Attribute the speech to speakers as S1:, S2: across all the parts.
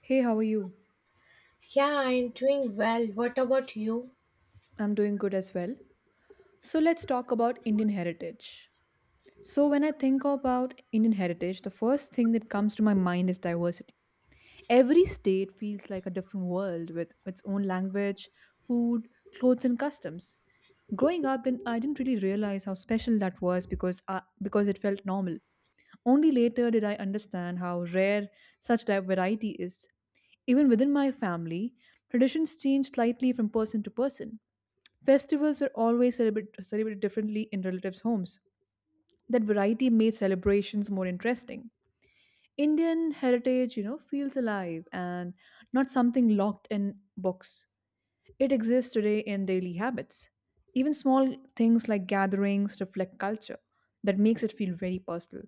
S1: Hey, how are you?
S2: Yeah, I'm doing well. What about you?
S1: I'm doing good as well. So let's talk about Indian heritage. So when I think about Indian heritage, the first thing that comes to my mind is diversity. Every state feels like a different world with its own language, food, clothes and customs. Growing up, I didn't really realize how special that was because it felt normal. Only later did I understand how rare such variety is. Even within my family, traditions change slightly from person to person. Festivals were always celebrated differently in relatives' homes. That variety made celebrations more interesting. Indian heritage, feels alive and not something locked in books. It exists today in daily habits. Even small things like gatherings reflect culture that makes it feel very personal.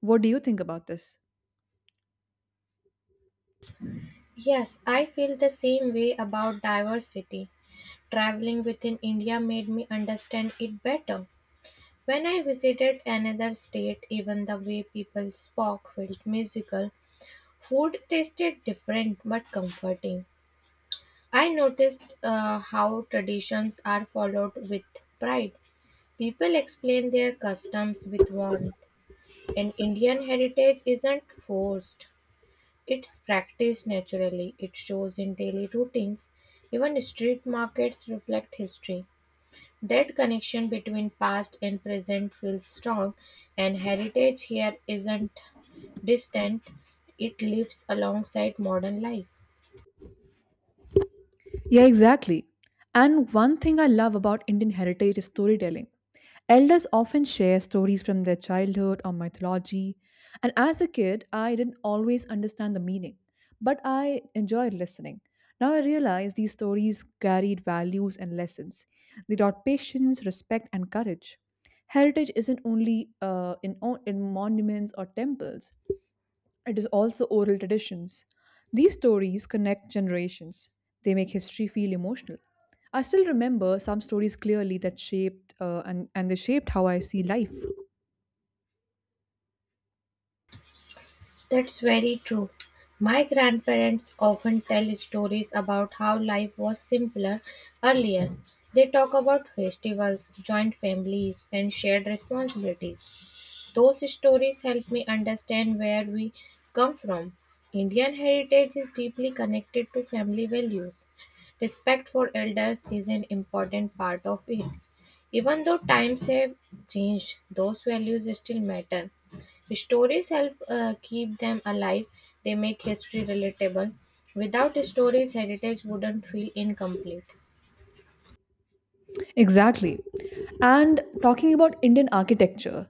S1: What do you think about this?
S2: Yes, I feel the same way about diversity. Traveling within India made me understand it better. When I visited another state, even the way people spoke felt musical. Food tasted different but comforting. I noticed how traditions are followed with pride. People explain their customs with warmth, and Indian heritage isn't forced. It's practiced naturally, it shows in daily routines. Even street markets reflect history. That connection between past and present feels strong, and heritage here isn't distant, it lives alongside modern life.
S1: Yeah, exactly. And one thing I love about Indian heritage is storytelling. Elders often share stories from their childhood or mythology, and as a kid, I didn't always understand the meaning, but I enjoyed listening. Now I realize these stories carried values and lessons. They taught patience, respect, and courage. Heritage isn't only in monuments or temples, it is also oral traditions. These stories connect generations. They make history feel emotional. I still remember some stories clearly that shaped and they shaped how I see life.
S2: That's very true. My grandparents often tell stories about how life was simpler earlier. They talk about festivals, joint families, and shared responsibilities. Those stories help me understand where we come from. Indian heritage is deeply connected to family values. Respect for elders is an important part of it. Even though times have changed, those values still matter. Stories help keep them alive, they make history relatable. Without stories, heritage wouldn't feel incomplete.
S1: Exactly. And talking about Indian architecture,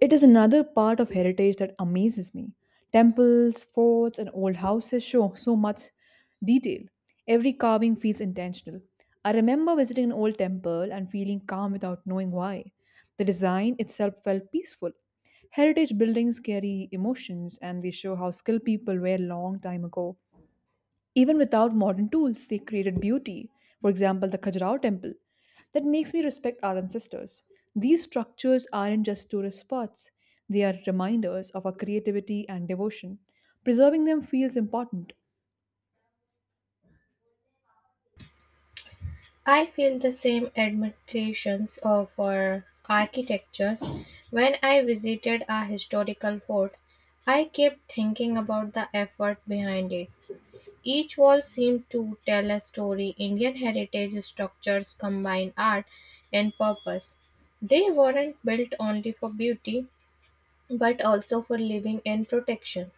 S1: it is another part of heritage that amazes me. Temples, forts, and old houses show so much detail. Every carving feels intentional. I remember visiting an old temple and feeling calm without knowing why. The design itself felt peaceful. Heritage buildings carry emotions and they show how skilled people were long time ago. Even without modern tools, they created beauty. For example, the Khajuraho temple. That makes me respect our ancestors. These structures aren't just tourist spots, they are reminders of our creativity and devotion. Preserving them feels important.
S2: I feel the same admirations of for architectures. When I visited a historical fort, I kept thinking about the effort behind it. Each wall seemed to tell a story. Indian heritage structures combine art and purpose. They weren't built only for beauty, but also for living and protection.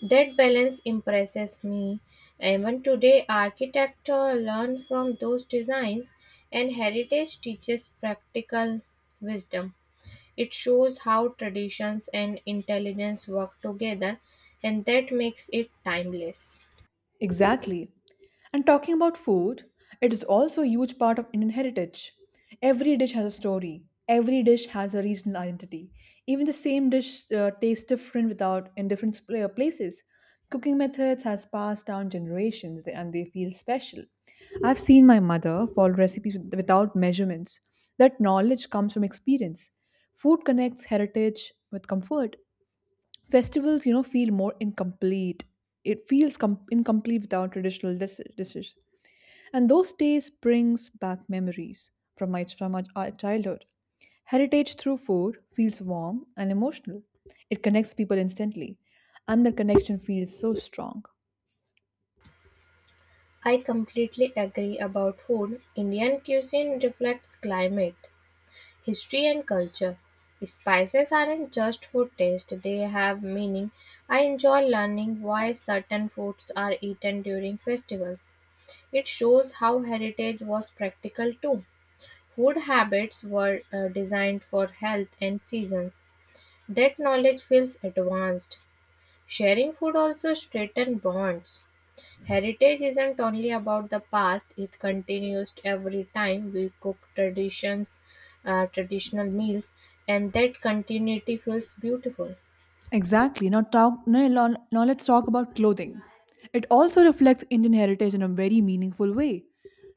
S2: That balance impresses me. Even today, architects learn from those designs, and heritage teaches practical wisdom. It shows how traditions and intelligence work together, and that makes it timeless.
S1: Exactly. And talking about food, it is also a huge part of Indian heritage. Every dish has a story, every dish has a regional identity. Even the same dish tastes different without in different places. Cooking methods has passed down generations and they feel special. I've seen my mother follow recipes without measurements. That knowledge comes from experience. Food connects heritage with comfort. Festivals, feel more incomplete. It feels incomplete without traditional dishes, and those days brings back memories from my from our childhood. Heritage through food feels warm and emotional. It connects people instantly, and the connection feels so strong.
S2: I completely agree about food. Indian cuisine reflects climate, history, and culture. Spices aren't just for taste, they have meaning. I enjoy learning why certain foods are eaten during festivals. It shows how heritage was practical too. Food habits were designed for health and seasons. That knowledge feels advanced. Sharing food also strengthens bonds. Heritage isn't only about the past, it continues every time we cook traditions, traditional meals, and that continuity feels beautiful.
S1: Exactly. Now let's talk about clothing. It also reflects Indian heritage in a very meaningful way.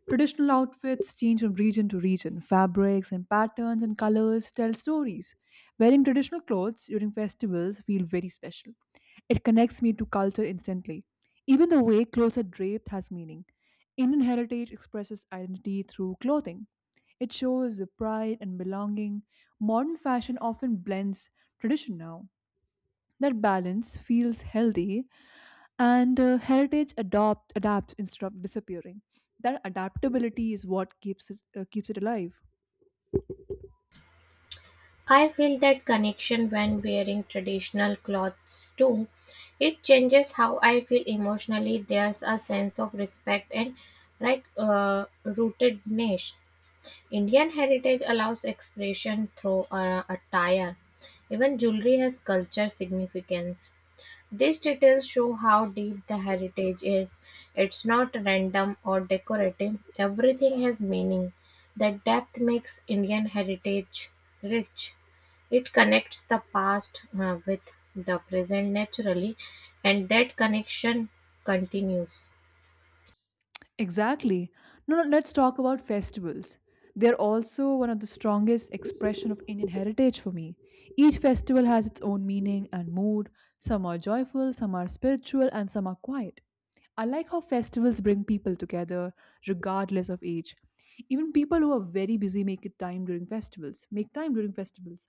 S1: Traditional outfits change from region to region. Fabrics and patterns and colors tell stories. Wearing traditional clothes during festivals feel very special. It connects me to culture instantly. Even the way clothes are draped has meaning. Indian heritage expresses identity through clothing. It shows the pride and belonging. Modern fashion often blends tradition now. That balance feels healthy, and heritage adopt adapts instead of disappearing. That adaptability is what keeps it alive.
S2: I feel that connection when wearing traditional clothes too. It changes how I feel emotionally. There's a sense of respect and like rootedness. Indian heritage allows expression through attire. Even jewelry has culture significance. These details show how deep the heritage is. It's not random or decorative, everything has meaning. That depth makes Indian heritage rich. It connects the past with the present naturally, and that connection continues.
S1: Exactly. No, no, let's talk about festivals. They're also one of the strongest expression of Indian heritage for me. Each festival has its own meaning and mood. Some are joyful, some are spiritual, and some are quiet. I like how festivals bring people together regardless of age. Even people who are very busy make it time during festivals. Make time during festivals,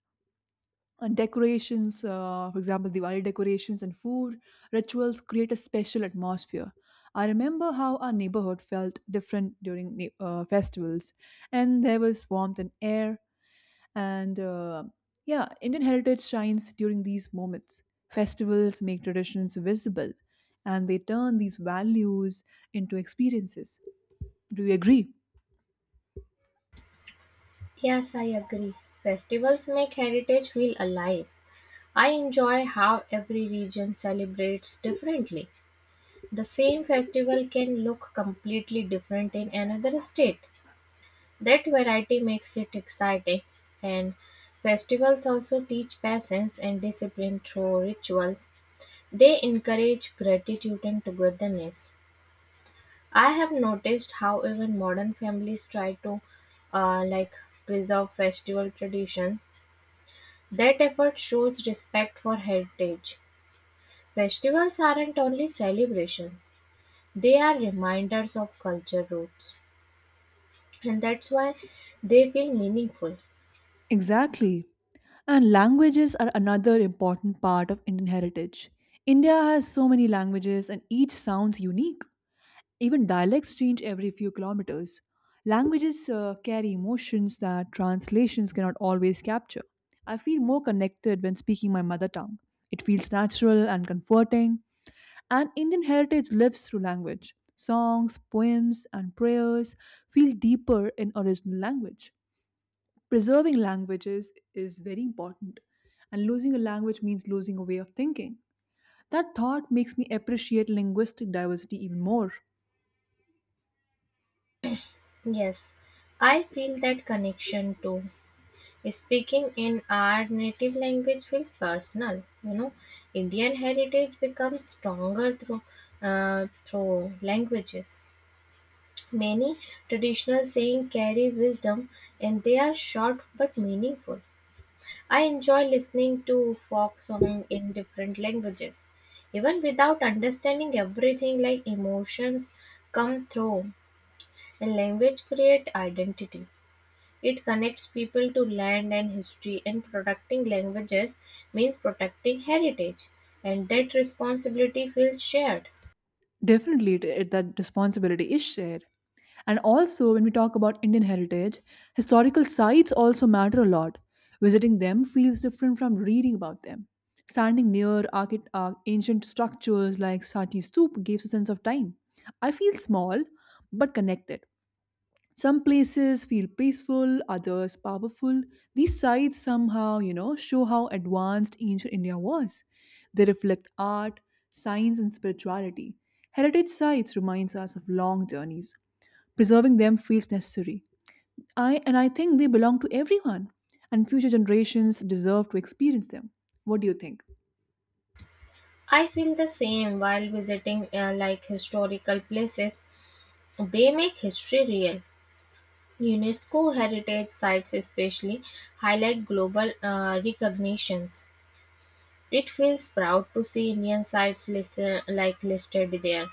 S1: and decorations, for example, Diwali decorations and food rituals create a special atmosphere. I remember how our neighborhood felt different during festivals, and there was warmth and air. And uh, yeah, Indian heritage shines during these moments. Festivals make traditions visible, and they turn these values into experiences. Do you agree?
S2: Yes, I agree. Festivals make heritage feel alive. I enjoy how every region celebrates differently. The same festival can look completely different in another state. That variety makes it exciting. And festivals also teach patience and discipline through rituals. They encourage gratitude and togetherness. I have noticed how even modern families try to like preserve festival tradition. That effort shows respect for heritage. Festivals aren't only celebrations, they are reminders of culture roots, and that's why they feel meaningful.
S1: Exactly. And languages are another important part of Indian heritage. India has so many languages and each sounds unique. Even dialects change every few kilometers. Languages carry emotions that translations cannot always capture. I feel more connected when speaking my mother tongue. It feels natural and comforting, and Indian heritage lives through language. Songs, poems, and prayers feel deeper in original language. Preserving languages is very important, and losing a language means losing a way of thinking. That thought makes me appreciate linguistic diversity even more.
S2: Yes, I feel that connection too. Speaking in our native language feels personal. You know, Indian heritage becomes stronger through languages. Many traditional saying carry wisdom, and they are short but meaningful. I enjoy listening to folk song in different languages even without understanding everything like emotions come through. And language create identity. It connects people to land and history, and protecting languages means protecting heritage, and that responsibility feels shared.
S1: Definitely, that responsibility is shared. And also, when we talk about Indian heritage, historical sites also matter a lot. Visiting them feels different from reading about them. Standing near ancient structures like Sati Stupa gives a sense of time. I feel small but connected. Some places feel peaceful, others powerful. These sites somehow, show how advanced ancient India was. They reflect art, science, and spirituality. Heritage sites reminds us of long journeys. Preserving them feels necessary. I think they belong to everyone, and future generations deserve to experience them. What do you think?
S2: I feel the same while visiting like historical places. They make history real. UNESCO heritage sites especially highlight global recognitions. It feels proud to see Indian sites listen, like listed there.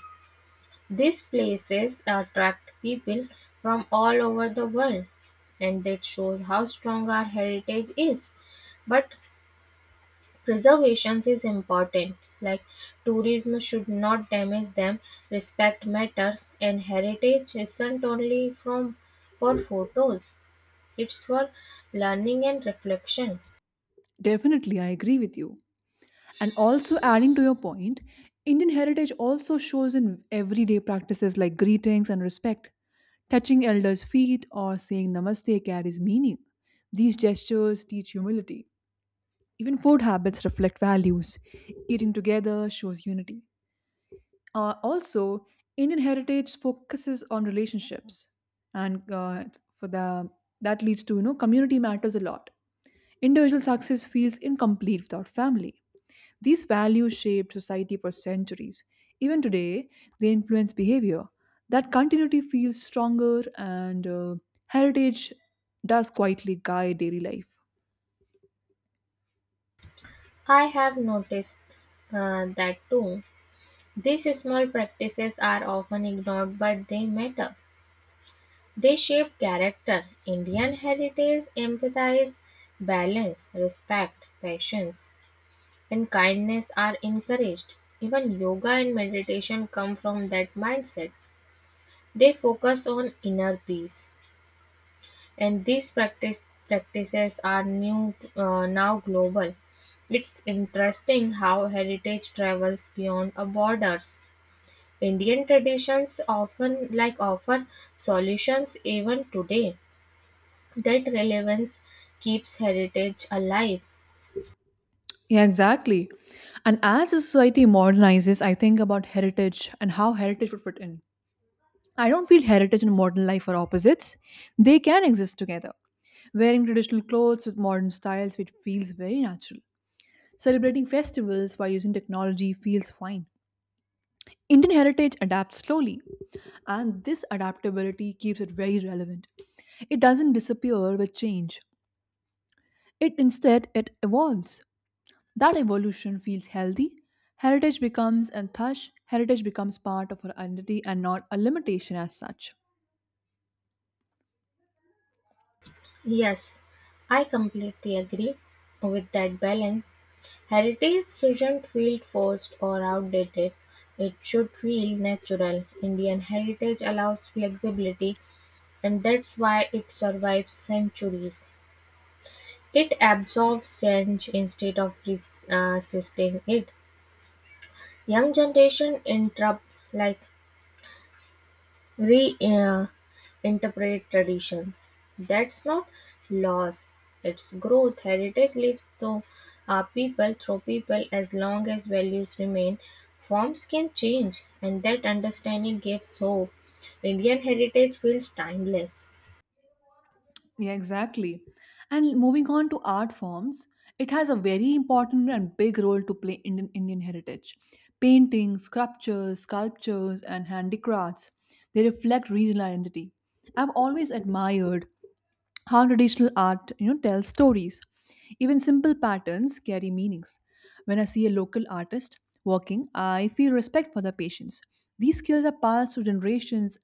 S2: These places attract people from all over the world, and that shows how strong our heritage is. But preservation is important. Like tourism should not damage them. Respect matters, and heritage isn't only from for photos. It's for learning and reflection.
S1: Definitely, I agree with you. And also adding to your point, Indian heritage also shows in everyday practices like greetings and respect. Touching elders' feet or saying namaste carries meaning. These gestures teach humility. Even food habits reflect values. Eating together shows unity. Also, Indian heritage focuses on relationships, and for the that leads to, community matters a lot. Individual success feels incomplete without family. These values shaped society for centuries. Even today, they influence behavior. That continuity feels stronger, and heritage does quietly guide daily life.
S2: I have noticed that too. These small practices are often ignored, but they matter. They shape character. Indian heritage, empathize, balance, respect, patience, and kindness are encouraged. Even yoga and meditation come from that mindset. They focus on inner peace, and these practices are new, now global. It's interesting how heritage travels beyond our borders. Indian traditions often like offer solutions even today. That relevance keeps heritage alive.
S1: Yeah, exactly. And as the society modernizes, I think about heritage and how heritage would fit in. I don't feel heritage and modern life are opposites. They can exist together. Wearing traditional clothes with modern styles, it feels very natural. Celebrating festivals while using technology feels fine. Indian heritage adapts slowly, and this adaptability keeps it very relevant. It doesn't disappear with change. It instead it evolves. That evolution feels healthy. Heritage becomes and thus heritage becomes part of our identity and not a limitation as such.
S2: Yes, I completely agree with that balance. Heritage shouldn't feel forced or outdated. It should feel natural. Indian heritage allows flexibility, and that's why it survives centuries. It absorbs change instead of resisting it. Young generation interrupt, like reinterpret traditions. That's not loss, it's growth. Heritage lives through people, as long as values remain. Forms can change, and that understanding gives hope. Indian heritage feels timeless.
S1: Yeah, exactly. And moving on to art forms, it has a very important and big role to play in Indian heritage. Paintings, sculptures, and handicrafts, they reflect regional identity. I've always admired how traditional art, tells stories. Even simple patterns carry meanings. When I see a local artist working, I feel respect for their patience. These skills are passed to generations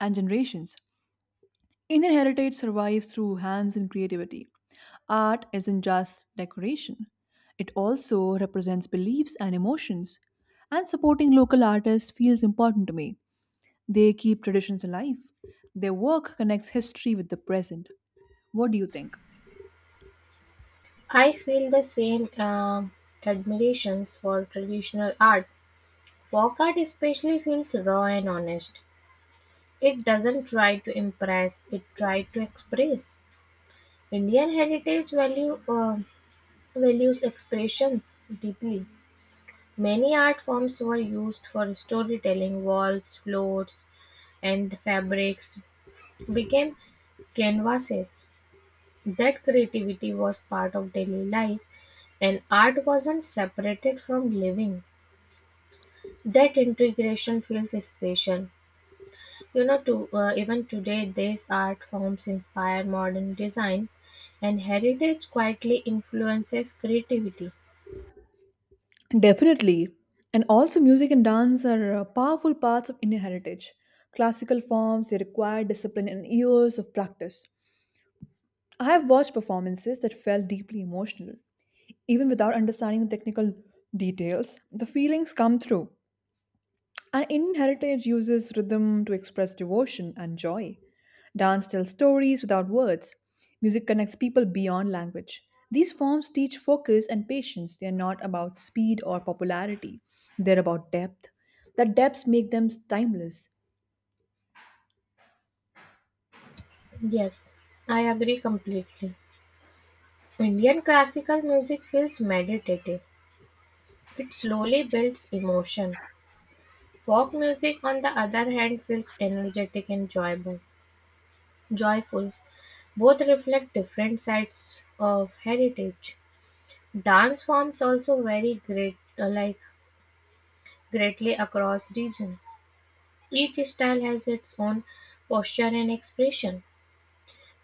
S1: and generations. Indian heritage survives through hands and creativity. Art isn't just decoration, it also represents beliefs and emotions. And supporting local artists feels important to me. They keep traditions alive. Their work connects history with the present. What do you think?
S2: I feel the same admirations for traditional art. Folk art especially feels raw and honest. It doesn't try to impress, it tries to express. Indian heritage values expressions deeply. Many art forms were used for storytelling. Walls, floors, and fabrics became canvases. That creativity was part of daily life, and art wasn't separated from living. That integration feels special. You know, to even today, these art forms inspire modern design, and heritage quietly influences creativity.
S1: Definitely. And also, music and dance are powerful parts of Indian heritage. Classical forms, they require discipline and years of practice. I have watched performances that felt deeply emotional. Even without understanding the technical details, the feelings come through. And Indian heritage uses rhythm to express devotion and joy. Dance tells stories without words. Music connects people beyond language. These forms teach focus and patience. They are not about speed or popularity, they're about depth. That depths make them timeless.
S2: Yes, I agree completely. Indian classical music feels meditative. It slowly builds emotion. Folk music, on the other hand, feels energetic and joyful. Joyful. Both reflect different sides of heritage. Dance forms also vary greatly across regions. Each style has its own posture and expression.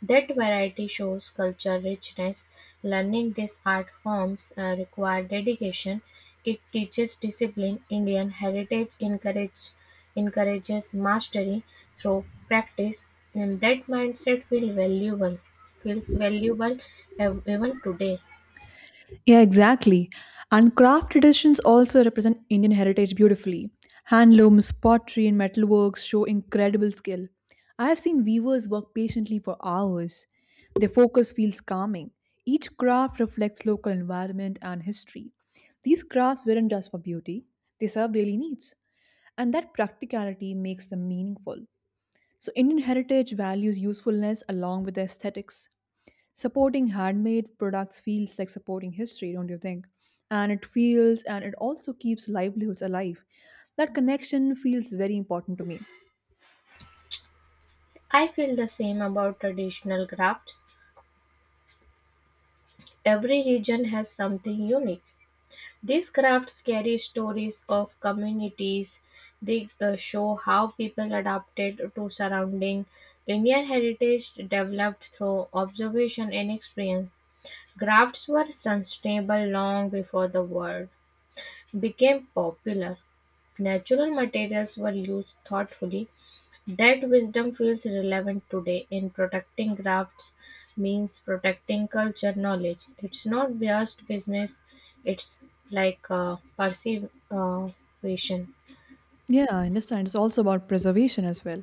S2: That variety shows cultural richness. Learning these art forms requires dedication. It teaches discipline. Indian heritage encourages mastery through practice, and that mindset feels valuable. Feels valuable even today.
S1: Yeah, exactly. And craft traditions also represent Indian heritage beautifully. Handlooms, pottery, and metalworks show incredible skill. I have seen weavers work patiently for hours. Their focus feels calming. Each craft reflects local environment and history. These crafts weren't just for beauty, they serve daily needs, and that practicality makes them meaningful. So, Indian heritage values usefulness along with aesthetics. Supporting handmade products feels like supporting history, don't you think? And it feels and it also keeps livelihoods alive. That connection feels very important to me.
S2: I feel the same about traditional crafts. Every region has something unique. These crafts carry stories of communities. They show how people adapted to surrounding. Indian heritage developed through observation and experience. Crafts were sustainable long before the word became popular. Natural materials were used thoughtfully. That wisdom feels relevant today, in protecting crafts means protecting culture knowledge. It's not just business, it's like preservation.
S1: Yeah, I understand, it's also about preservation as well.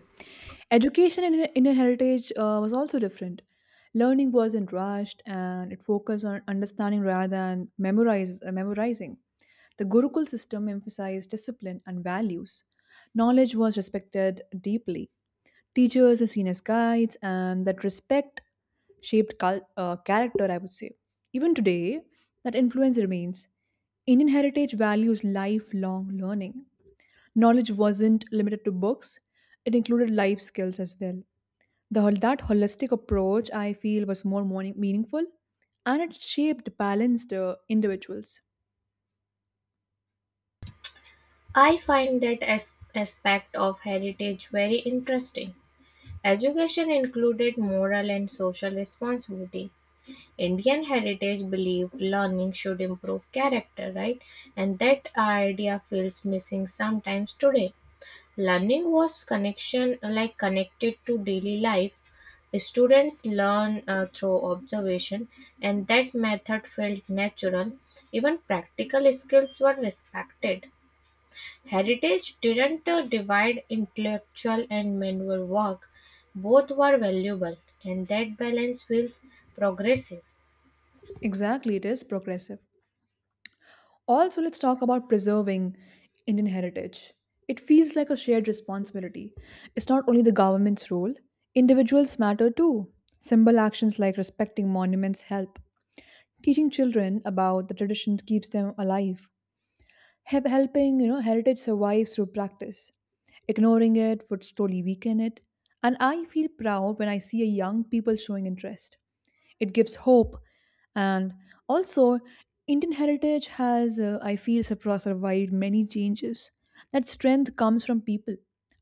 S1: Education in Indian heritage was also different. Learning wasn't rushed and it focused on understanding rather than memorizing. The Gurukul system emphasized discipline and values. Knowledge was respected deeply. Teachers are seen as guides, and that respect shaped character, I would say. Even today, that influence remains. Indian heritage values lifelong learning. Knowledge wasn't limited to books, it included life skills as well. That holistic approach, I feel, was more meaningful and it shaped balanced individuals.
S2: I find that aspect of heritage very interesting. Education included moral and social responsibility. Indian heritage believed learning should improve character, right? And that idea feels missing sometimes today. Learning was connection like connected to daily life. Students learn through observation, and that method felt natural. Even practical skills were respected. Heritage didn't divide intellectual and manual work, both were valuable, and that balance feels progressive.
S1: Exactly, it is progressive. Also, let's talk about preserving Indian heritage. It feels like a shared responsibility. It's not only the government's role, individuals matter too. Simple actions like respecting monuments help. Teaching children about the traditions keeps them alive. Helping, heritage survive through practice. Ignoring it would slowly weaken it. And I feel proud when I see a young people showing interest. It gives hope. And also, Indian heritage has I feel survived many changes. That strength comes from people.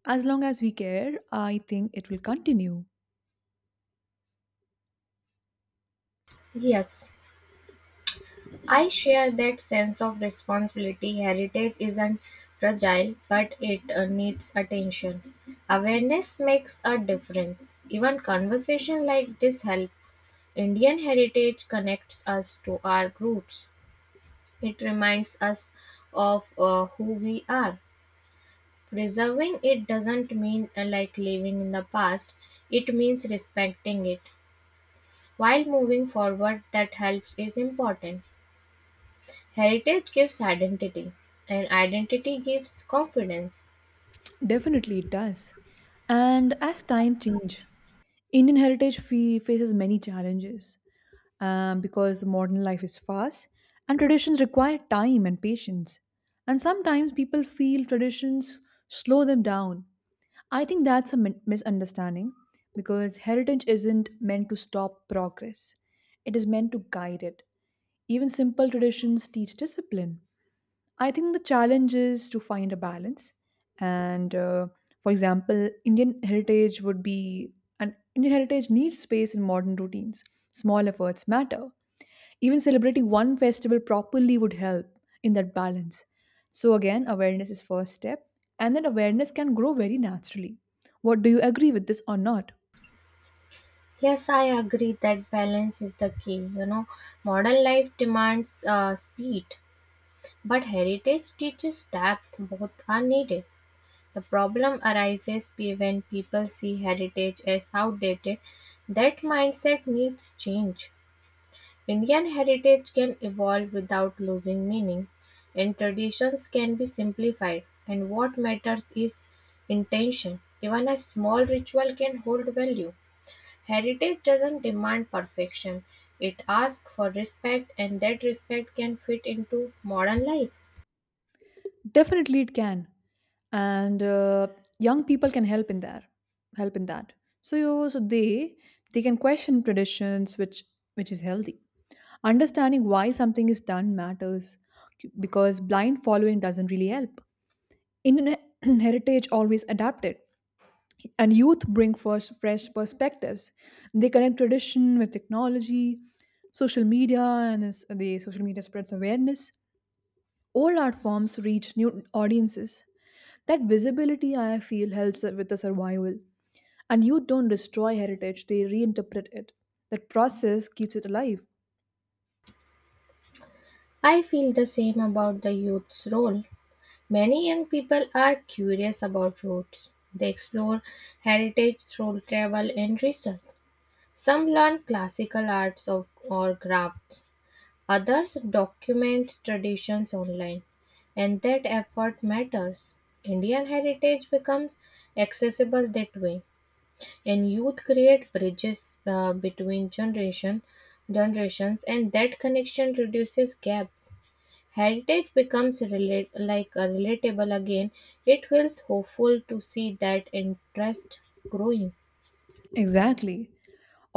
S1: As long as we care, I think it will continue.
S2: Yes. I share that sense of responsibility. Heritage isn't fragile, but it needs attention. Awareness makes a difference. Even conversation like this help. Indian heritage connects us to our roots. It reminds us of who we are. Preserving it doesn't mean like living in the past. It means respecting it while moving forward. That helps is important. Heritage gives identity, and identity gives confidence.
S1: Definitely it does. And as time change, Indian heritage faces many challenges, because modern life is fast and traditions require time and patience, and sometimes people feel traditions slow them down. I think that's a misunderstanding, because heritage isn't meant to stop progress, it is meant to guide it. Even simple traditions teach discipline. I think the challenge is to find a balance. And For example, Indian heritage would be, and Indian heritage needs space in modern routines. Small efforts matter. Even celebrating one festival properly would help in that balance. So again, awareness is first step, and then awareness can grow very naturally. What do you agree with this or not?
S2: Yes, I agree that balance is the key. You know, modern life demands speed, but heritage teaches depth. Both are needed. The problem arises when people see heritage as outdated. That mindset needs change. Indian heritage can evolve without losing meaning, and traditions can be simplified, and what matters is intention. Even a small ritual can hold value. Heritage doesn't demand perfection, it asks for respect, and that respect can fit into modern life.
S1: Definitely it can. And Young people can help in that. So they can question traditions, which is healthy. Understanding why something is done matters, because blind following doesn't really help. Indian heritage always adapted. And youth bring first fresh perspectives. They connect tradition with technology, social media. And the social media spreads awareness, old art forms reach new audiences. That visibility, I feel, helps with the survival. And youth don't destroy heritage, they reinterpret it. That process keeps it alive.
S2: I feel the same about the youth's role. Many young people are curious about roots. They explore heritage through travel and research. Some learn classical arts or crafts, others document traditions online, and that effort matters. Indian heritage becomes accessible that way, and youth create bridges between generations, and that connection reduces gaps. Heritage becomes relate, like relatable again. It feels hopeful to see that interest growing.
S1: Exactly.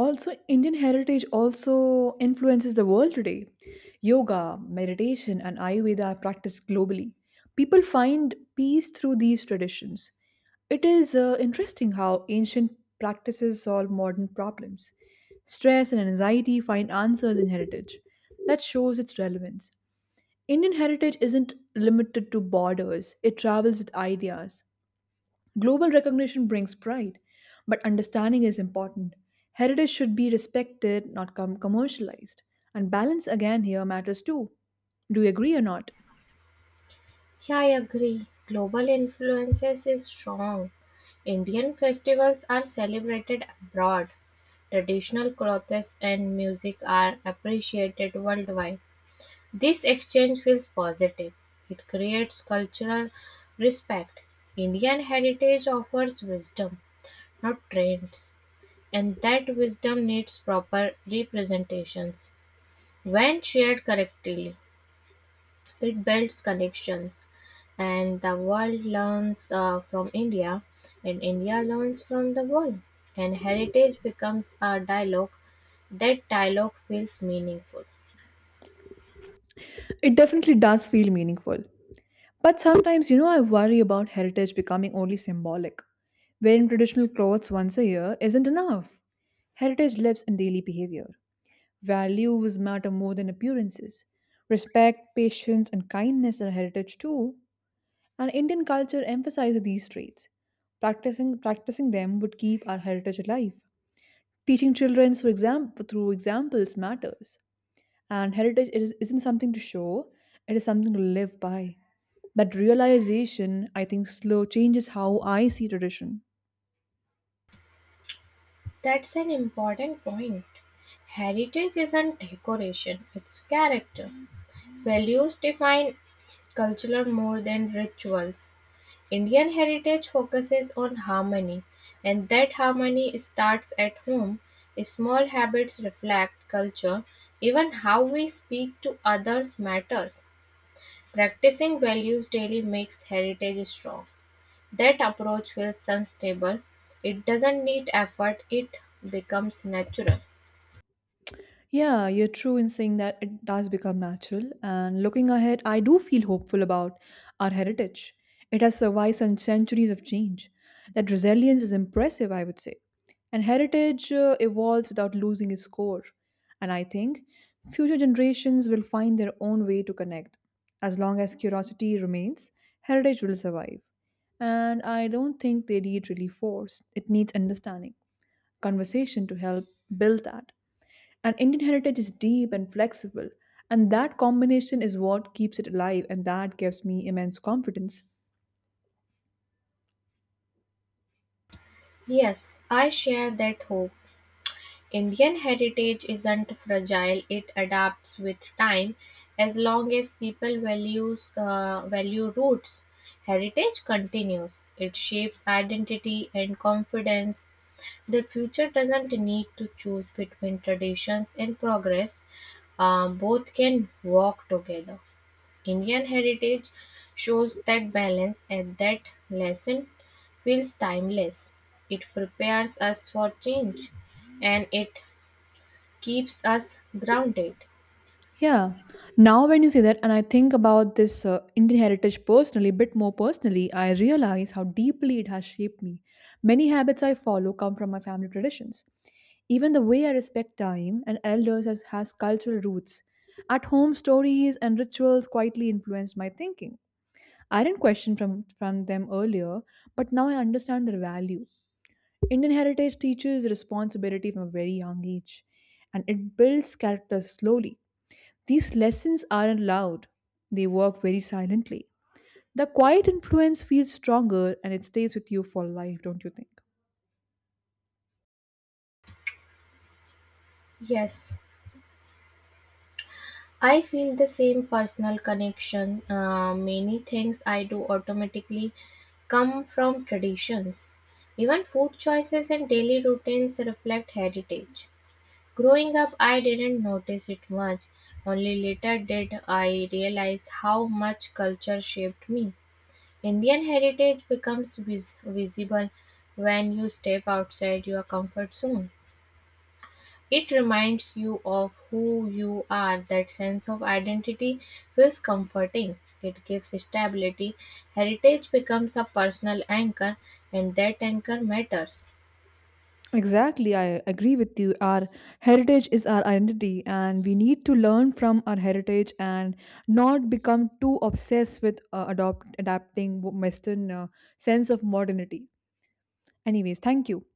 S1: Also, Indian heritage also influences the world today. Yoga, meditation and ayurveda are practiced globally. People find peace through these traditions. It is interesting how ancient practices solve modern problems. Stress and anxiety find answers in heritage. That shows its relevance. Indian heritage isn't limited to borders, it travels with ideas. Global recognition brings pride, but understanding is important. Heritage should be respected, not commercialized. And balance again here matters too. Do you agree or not?
S2: Yeah, I agree. Global influences is strong. Indian festivals are celebrated abroad. Traditional clothes and music are appreciated worldwide. This exchange feels positive. It creates cultural respect. Indian heritage offers wisdom, not trends, and that wisdom needs proper representations when shared correctly. It builds connections, and the world learns from India, and India learns from the world. And heritage becomes a dialogue. That dialogue feels meaningful.
S1: It definitely does feel meaningful. But sometimes, you know, I worry about heritage becoming only symbolic. Wearing traditional clothes once a year isn't enough. Heritage lives in daily behavior. Values matter more than appearances. Respect, patience, and kindness are heritage too. And Indian culture emphasizes these traits. Practicing them would keep our heritage alive. Teaching children through examples matters. And heritage isn't something to show, it is something to live by. That realization, I think, slow changes how I see tradition.
S2: That's an important point. Heritage isn't decoration, it's character. Values define culture more than rituals. Indian heritage focuses on harmony, and that harmony starts at home. Small habits reflect culture. Even how we speak to others matters. Practicing values daily makes heritage strong. That approach feels sustainable. It doesn't need effort, it becomes natural.
S1: Yeah, you're true in saying that it does become natural. And looking ahead, I do feel hopeful about our heritage. It has survived some centuries of change. That resilience is impressive, I would say. And heritage evolves without losing its core. And I think future generations will find their own way to connect. As long as curiosity remains, heritage will survive. And I don't think they need really force, it needs understanding, conversation to help build that. And Indian heritage is deep and flexible, and that combination is what keeps it alive, and that gives me immense confidence.
S2: Yes, I share that hope. Indian heritage isn't fragile, it adapts with time. As long as people values value roots, heritage continues. It shapes identity and confidence. The future doesn't need to choose between traditions and progress. Both can walk together. Indian heritage shows that balance and that lesson feels timeless. It prepares us for change and it keeps us grounded.
S1: Yeah, now when you say that, and I think about this Indian heritage personally, a bit more personally, I realize how deeply it has shaped me. Many habits I follow come from my family traditions. Even the way I respect time and elders has cultural roots. At home, stories and rituals quietly influenced my thinking. I didn't question from them earlier, but now I understand their value. Indian heritage teaches responsibility from a very young age, and it builds character slowly. These lessons aren't loud, they work very silently. The quiet influence feels stronger and it stays with you for life, don't you think?
S2: Yes, I feel the same personal connection. Many things I do automatically come from traditions. Even food choices and daily routines reflect heritage. Growing up, I didn't notice it much. Only later did I realize how much culture shaped me. Indian heritage becomes visible when you step outside your comfort zone. It reminds you of who you are. That sense of identity feels comforting. It gives stability. Heritage becomes a personal anchor, and that anchor matters.
S1: Exactly, I agree with you. Our heritage is our identity, and we need to learn from our heritage and not become too obsessed with adopt adapting Western sense of modernity. Anyways, thank you.